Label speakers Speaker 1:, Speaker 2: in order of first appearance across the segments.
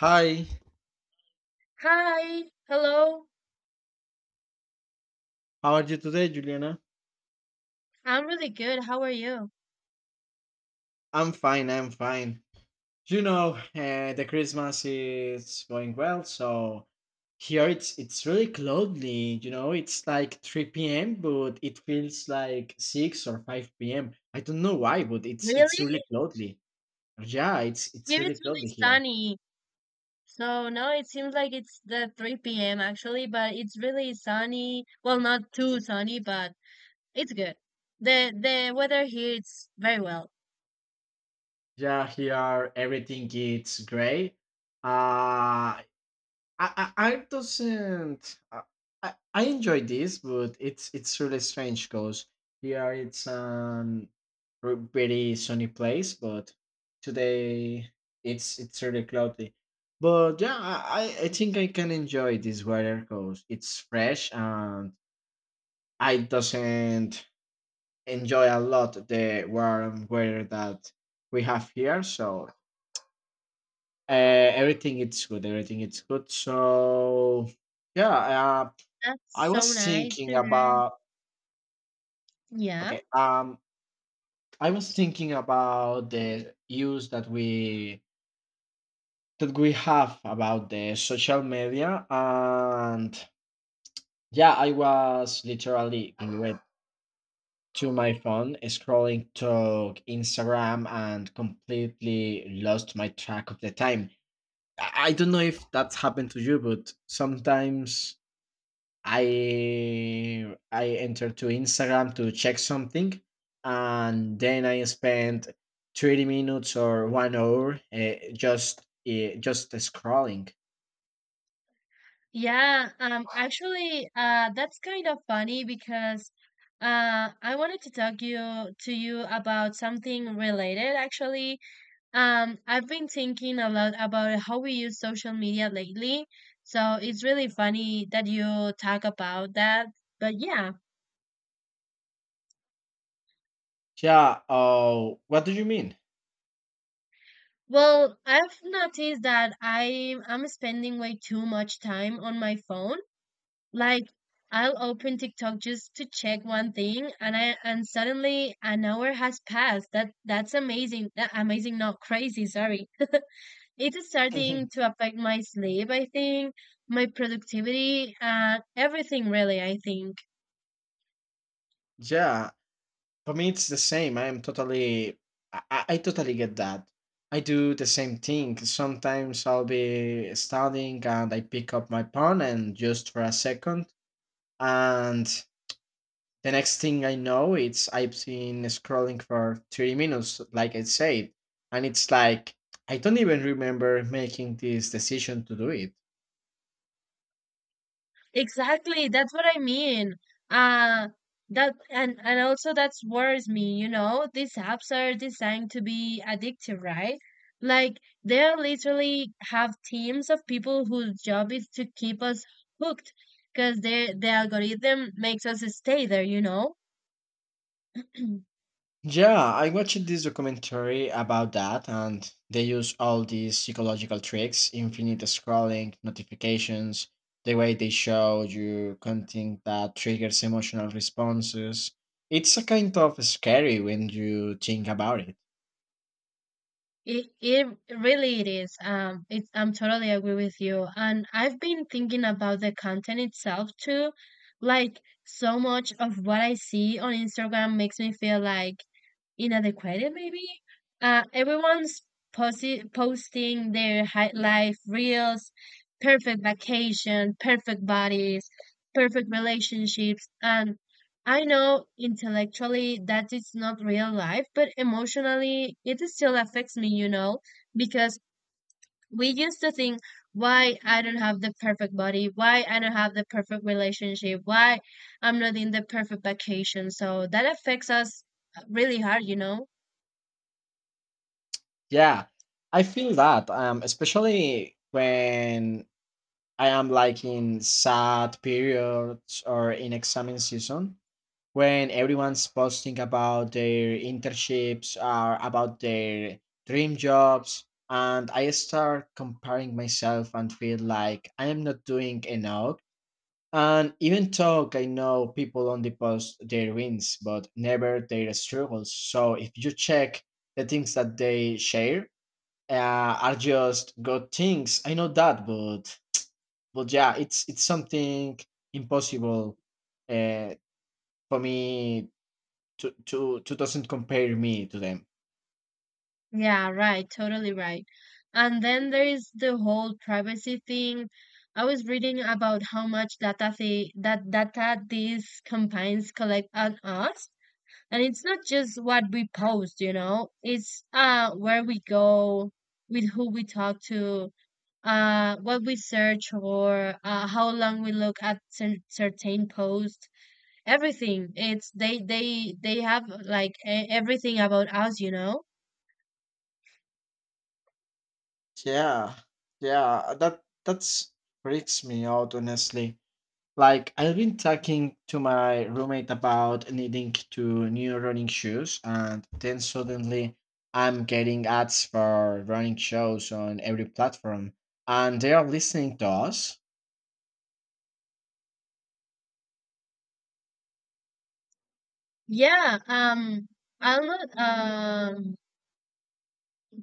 Speaker 1: Hi,
Speaker 2: Hi, hello.
Speaker 1: how are you today, Juliana?
Speaker 2: I'm really good. How are you?
Speaker 1: I'm fine, I'm fine. The Christmas is going well, so here it's really cloudy, it's like 3 p.m., but it feels like 6 or 5 p.m. I don't know why, but it's
Speaker 2: Really?
Speaker 1: it's really cloudy. Yeah, it's
Speaker 2: Here
Speaker 1: really
Speaker 2: it's really
Speaker 1: cloudy here.
Speaker 2: sunny. So now it seems like it's the 3 p.m. actually, but it's really sunny. Well, not too sunny, but it's good. The weather here it's very well.
Speaker 1: Yeah, here everything is gray. Uh I doesn't. I enjoy this, but it's really strange because here it's pretty sunny place, but today it's really cloudy. But yeah, I think I can enjoy this weather because it's fresh and I doesn't enjoy a lot the warm weather that we have here. So everything it's good. Everything it's good. So yeah, I
Speaker 2: That's so
Speaker 1: was
Speaker 2: nice
Speaker 1: thinking
Speaker 2: to hear.
Speaker 1: about
Speaker 2: Yeah.
Speaker 1: okay. I was thinking about the use that we have about the social media, and yeah, I was literally glued to my phone, scrolling to Instagram, and completely lost my track of the time. I don't know if that's happened to you, but sometimes I entered to Instagram to check something, and then I spent 30 minutes or 1 hour just scrolling.
Speaker 2: Yeah, actually, that's kind of funny because I wanted to talk you to you about something related actually. I've been thinking a lot about how we use social media lately. So it's really funny that you talk about that. But yeah,
Speaker 1: Yeah. Oh, what do you mean?
Speaker 2: well, I've noticed that I'm spending way too much time on my phone. Like I'll open TikTok just to check one thing and I and suddenly an hour has passed. That's amazing. That amazing, not crazy, sorry. It is starting to affect my sleep, I think, my productivity, and everything, really, I think.
Speaker 1: Yeah, for me it's the same. I totally get that. I do the same thing. Sometimes I'll be studying and I pick up my phone and just for a second, and the next thing I know, it's I've been scrolling for 30 minutes, like I said, and it's like I don't even remember making this decision to do it.
Speaker 2: Exactly, that's what I mean. Uh that and also that's worries me, you know. These apps are designed to be addictive, right? Like they are literally have teams of people whose job is to keep us hooked because their the algorithm makes us stay there, you know.
Speaker 1: Yeah, I watched this documentary about that, and they use all these psychological tricks, infinite scrolling, notifications, the way they show you content that triggers emotional responses. It's a kind of scary when you think about it.
Speaker 2: It really it is. It's I'm totally agree with you. And I've been thinking about the content itself too. Like so much of what I see on Instagram makes me feel like inadequate maybe. Everyone's posting their high life reels, perfect vacation, perfect bodies, perfect relationships, and I know intellectually that it's not real life, but emotionally it still affects me, you know, because we used to think why I don't have the perfect body, why I don't have the perfect relationship, why I'm not in the perfect vacation. So that affects us really hard, you know?
Speaker 1: Yeah, I feel that, especially when I am like in sad periods or in exam season, when everyone's posting about their internships or about their dream jobs, and I start comparing myself and feel like I am not doing enough. And even though I know people only post their wins, but never their struggles. So if you check the things that they share, are just good things. I know that, but yeah, it's something impossible uh, for me to doesn't compare me to them.
Speaker 2: Yeah, right, totally right. And then there is the whole privacy thing. I was reading about how much data they, that data these campaigns collect on us. And it's not just what we post, you know, it's where we go, with who we talk to, what we search for, how long we look at certain posts, everything. It's they have like everything about us, you know.
Speaker 1: Yeah, yeah, that's freaks me out honestly. Like I've been talking to my roommate about needing to new running shoes, and then suddenly I'm getting ads for running shoes on every platform, and they are listening to us.
Speaker 2: Yeah, um, I'm not,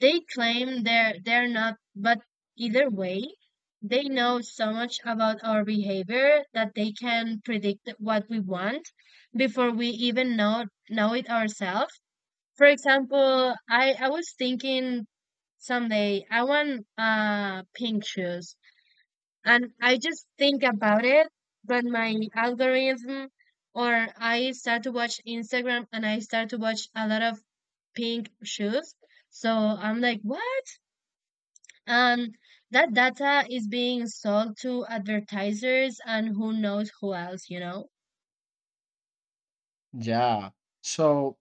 Speaker 2: they claim they're not, but either way, they know so much about our behavior that they can predict what we want before we even know it ourselves. For example, I was thinking someday I want pink shoes, and I just think about it, but my algorithm or I start to watch Instagram and I start to watch a lot of pink shoes. So I'm like, what? And that data is being sold to advertisers and who knows who else, you know?
Speaker 1: Yeah. So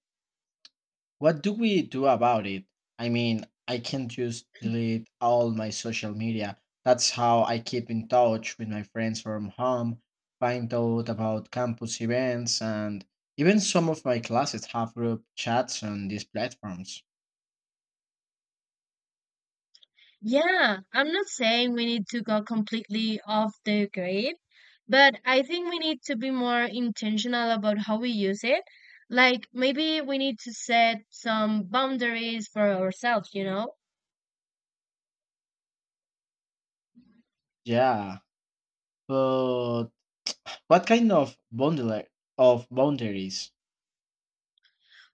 Speaker 1: what do we do about it? I mean, I can just delete all my social media. That's how I keep in touch with my friends from home, find out about campus events, and even some of my classes have group chats on these platforms.
Speaker 2: Yeah, I'm not saying we need to go completely off the grid, but I think we need to be more intentional about how we use it. Like maybe we need to set some boundaries for ourselves, you know?
Speaker 1: Yeah, but what kind of bundle of boundaries.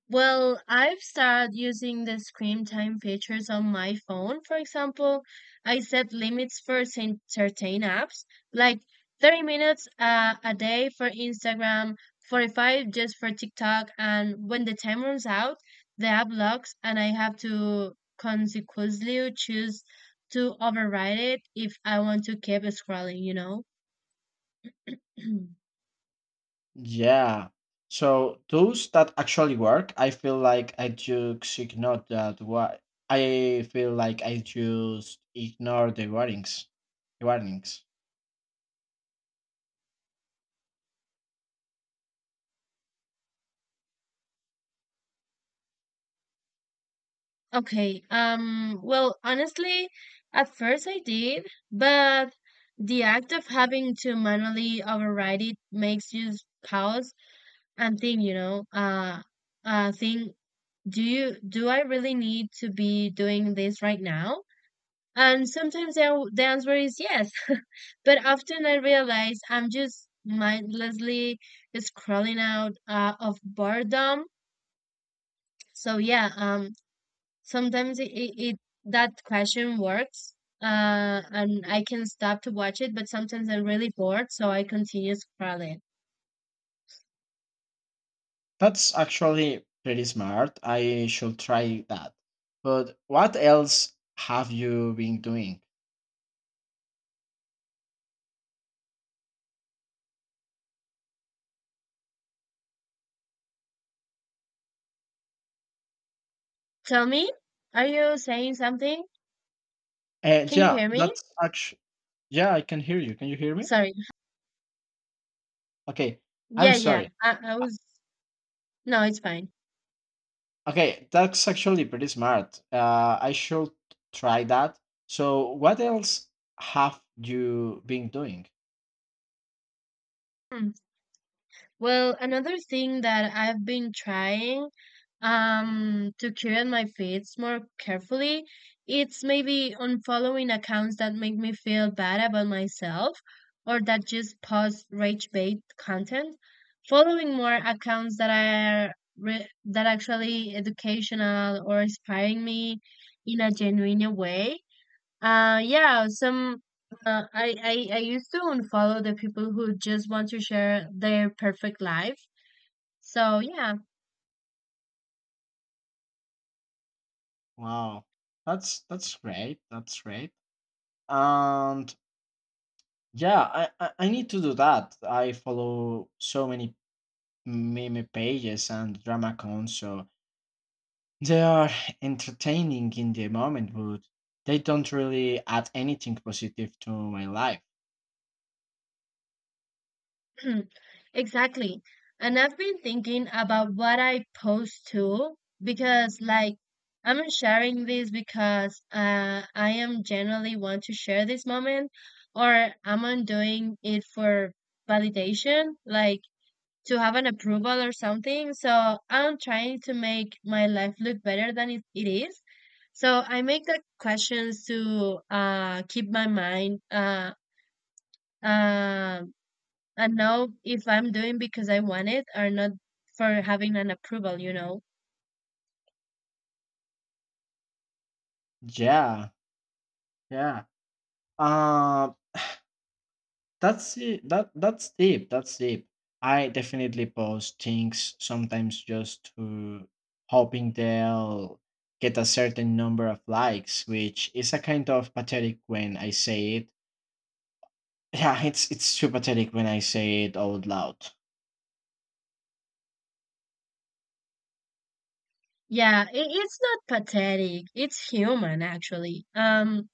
Speaker 2: Well, I've started using the screen time features on my phone. For example, I set limits for certain apps, like 30 minutes a day for Instagram, 45 just for TikTok, and when the time runs out, the app locks and I have to consequently choose to override it if I want to keep scrolling, you know?
Speaker 1: Yeah. So those that actually work, I feel like I just ignore that. Why I feel like I just ignore the warnings. Warnings.
Speaker 2: Okay. Well, honestly, at first I did, but the act of having to manually override it makes you pause and think, you know, think, do I really need to be doing this right now? And sometimes the answer is yes, but often I realize I'm just mindlessly scrolling out of boredom. So yeah, sometimes it that question works, and I can stop to watch it, but sometimes I'm really bored, so I continue scrolling.
Speaker 1: That's actually pretty smart. I should try that. But what else have you been doing?
Speaker 2: Tell me, are you saying something?
Speaker 1: Uh,
Speaker 2: Can you
Speaker 1: yeah,
Speaker 2: hear me?
Speaker 1: that's actually. Yeah, I can hear you. Can you hear me?
Speaker 2: Sorry.
Speaker 1: Okay. I'm
Speaker 2: Yeah, yeah.
Speaker 1: sorry.
Speaker 2: I was. No, it's fine.
Speaker 1: Okay, that's actually pretty smart. I should try that. So, what else have you been doing?
Speaker 2: Hmm. Well, another thing that I've been trying to curate my feeds more carefully, it's maybe unfollowing accounts that make me feel bad about myself or that just post rage bait content. Following more accounts that are that actually educational or inspiring me in a genuine way. Uh, yeah, some uh, I, I I used to unfollow the people who just want to share their perfect life. So yeah,
Speaker 1: Wow, that's great. That's great. And yeah, I need to do that. I follow so many meme pages and drama cons, so they are entertaining in the moment, but they don't really add anything positive to my life.
Speaker 2: exactly. And I've been thinking about what I post too, because like I'm sharing this because I am generally want to share this moment, or I'm not doing it for validation. Like to have an approval or something. So I'm trying to make my life look better than it is. So I make the questions to keep my mind uh, and know if I'm doing because I want it or not for having an approval, you know.
Speaker 1: Yeah, yeah. Um, That's it. That's deep. That's deep. I definitely post things sometimes just to hoping they'll get a certain number of likes, which is a kind of pathetic when I say it. Yeah, it's too pathetic when I say it out loud.
Speaker 2: Yeah, it's not pathetic. It's human, actually.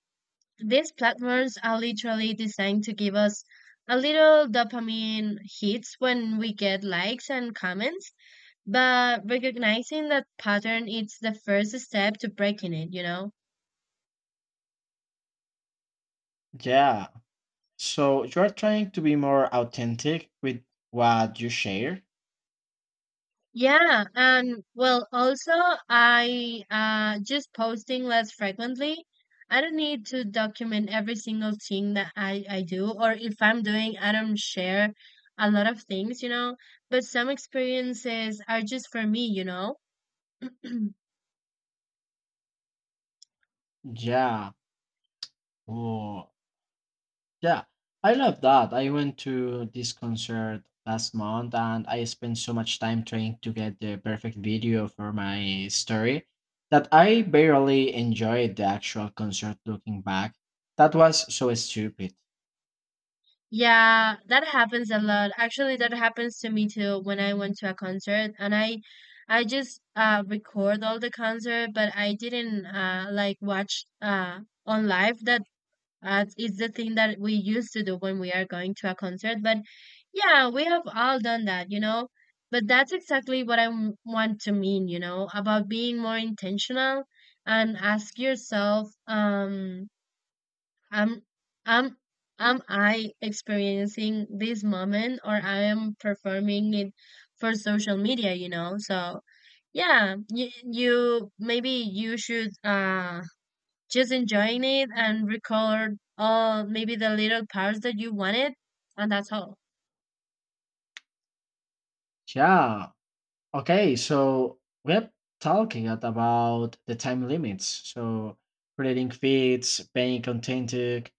Speaker 2: These platforms are literally designed to give us a little dopamine hits when we get likes and comments, but recognizing that pattern is the first step to breaking it, you know?
Speaker 1: Yeah. So you're trying to be more authentic with what you share?
Speaker 2: Yeah, and well, also I just posting less frequently. I don't need to document every single thing that I do, or if I'm doing, I don't share a lot of things, you know. But some experiences are just for me, you know.
Speaker 1: Yeah. Oh, yeah, I love that. I went to this concert last month and I spent so much time trying to get the perfect video for my story that I barely enjoyed the actual concert looking back. That was so stupid.
Speaker 2: Yeah, that happens a lot. Actually, that happens to me too when I went to a concert and I just record all the concert, but I didn't like watch on live that as it's the thing that we used to do when we are going to a concert, but yeah, we have all done that, you know, but that's exactly what I want to mean, you know, about being more intentional and ask yourself am am am I experiencing this moment or I am performing it for social media, you know? So yeah, you maybe you should just enjoying it and record all maybe the little parts that you wanted, and that's all.
Speaker 1: Yeah. Okay, so we're talking at about the time limits. So creating feeds, paying contented.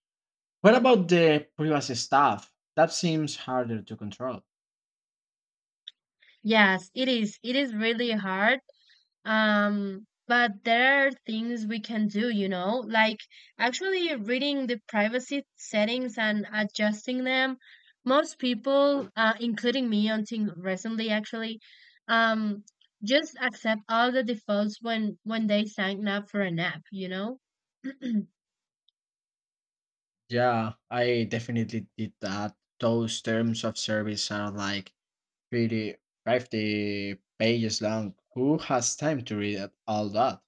Speaker 1: What about the privacy stuff? That seems harder to control.
Speaker 2: Yes, it is really hard. But there are things we can do, you know, like actually reading the privacy settings and adjusting them. Most people, including me until recently, actually, um just accept all the defaults when they sign up for an app, you know.
Speaker 1: Yeah, I definitely did that. Those terms of service are like 30, 50 pages long. Who has time to read all that?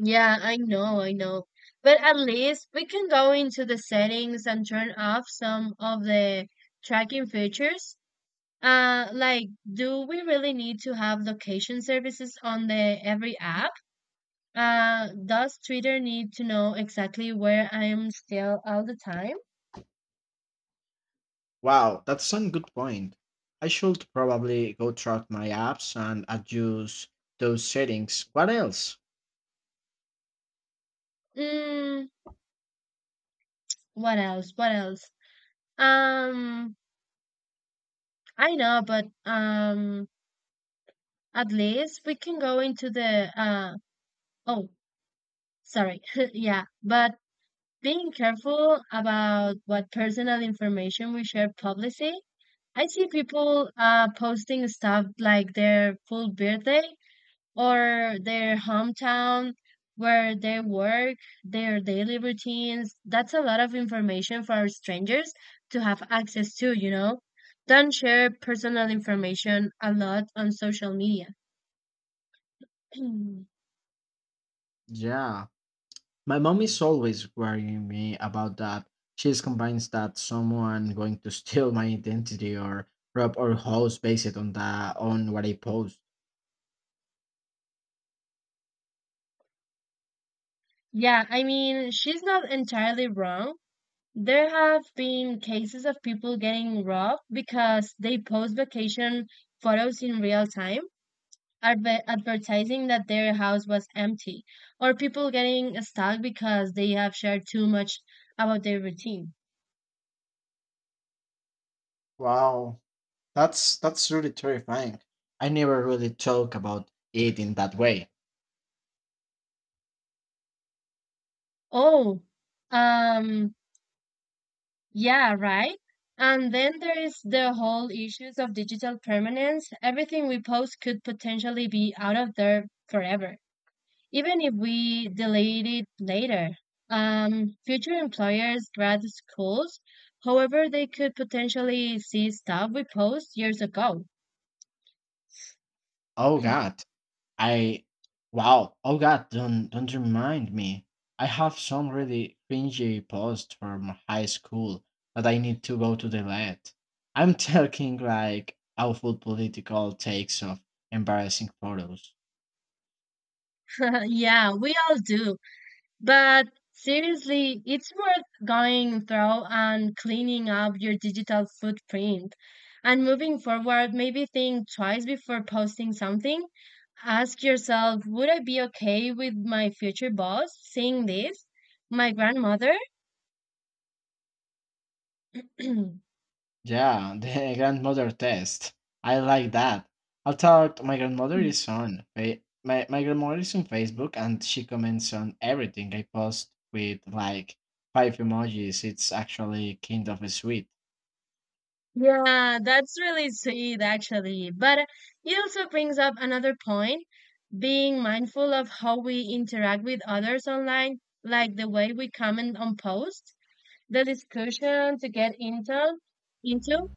Speaker 2: Yeah, I know, I know. But at least we can go into the settings and turn off some of the tracking features. Like, do we really need to have location services on the every app? Does Twitter need to know exactly where I am still all the time?
Speaker 1: Wow, that's a good point. I should probably go through my apps and adjust those settings. What else?
Speaker 2: Mm, what else? What else? Um, I know, but at least we can go into the oh, sorry, yeah, but being careful about what personal information we share publicly. I see people posting stuff like their full birthday or their hometown, where they work, their daily routines. That's a lot of information for strangers to have access to, you know? Don't share personal information a lot on social media.
Speaker 1: Yeah, my mom is always worrying me about that. She's convinced that someone going to steal my identity or rob our house based on that on what I post.
Speaker 2: Yeah, I mean, she's not entirely wrong. There have been cases of people getting robbed because they post vacation photos in real time, advertising that their house was empty, or people getting stuck because they have shared too much about their routine.
Speaker 1: Wow, that's really terrifying. I never really talk about it in that way.
Speaker 2: Oh, um, yeah, right. And then there is the whole issues of digital permanence. Everything we post could potentially be out of there forever, even if we delete it later. Future employers, grad schools, however, they could potentially see stuff we post years ago.
Speaker 1: Oh god. I wow. Oh god, don't remind me. I have some really cringy posts from high school that I need to go to delete. I'm talking like awful political takes of embarrassing photos.
Speaker 2: Yeah, we all do. But seriously, it's worth going through and cleaning up your digital footprint. And moving forward, maybe think twice before posting something. Ask yourself, would I be okay with my future boss seeing this? My grandmother?
Speaker 1: Yeah, the grandmother test. I like that. I thought my grandmother is on my grandmother is on Facebook and she comments on everything I post with like five emojis. It's actually kind of sweet.
Speaker 2: Yeah, that's really sweet actually. But it also brings up another point, being mindful of how we interact with others online, like the way we comment on posts, the discussion to get into.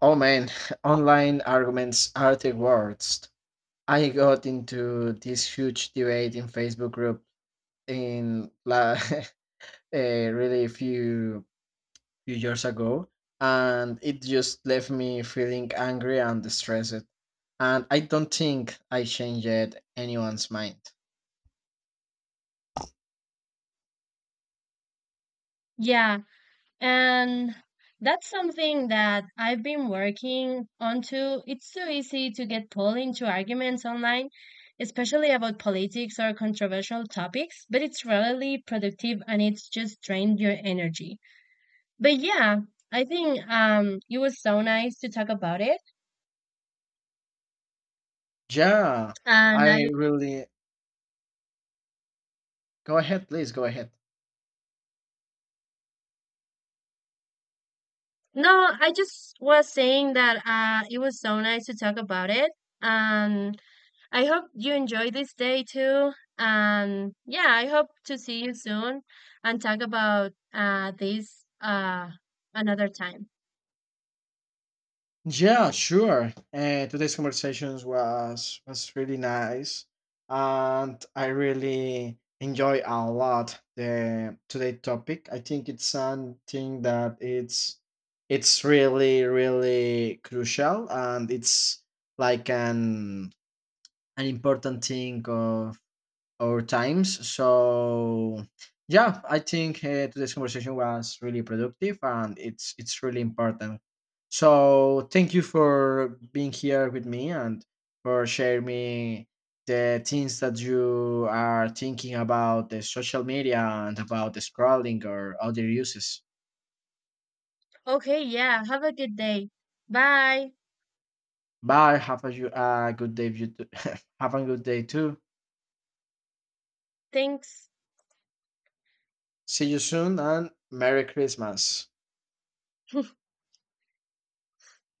Speaker 1: Oh man, online arguments are the worst. I got into this huge debate in Facebook group in la- a really few years ago, and it just left me feeling angry and stressed. And I don't think I changed anyone's mind.
Speaker 2: Yeah, and that's something that I've been working on too. It's so easy to get pulled into arguments online, especially about politics or controversial topics, but it's rarely productive and it's just drained your energy. But yeah, I think it was so nice to talk about it.
Speaker 1: Yeah, I
Speaker 2: And I
Speaker 1: really. Go ahead, please, go ahead.
Speaker 2: no, I just was saying that it was so nice to talk about it. And I hope you enjoy this day too. And yeah, I hope to see you soon and talk about this another time.
Speaker 1: Yeah, sure. Today's conversations was really nice, and I really enjoy a lot the today topic. I think it's something that it's really really crucial, and it's like an important thing of our times. So yeah, I think today's conversation was really productive and it's really important. So thank you for being here with me and for sharing me the things that you are thinking about the social media and about the scrolling or other uses.
Speaker 2: Okay, yeah, have a good day. Bye.
Speaker 1: Bye. Have a good day. You too. Have a good day too.
Speaker 2: Thanks.
Speaker 1: See you soon and Merry Christmas.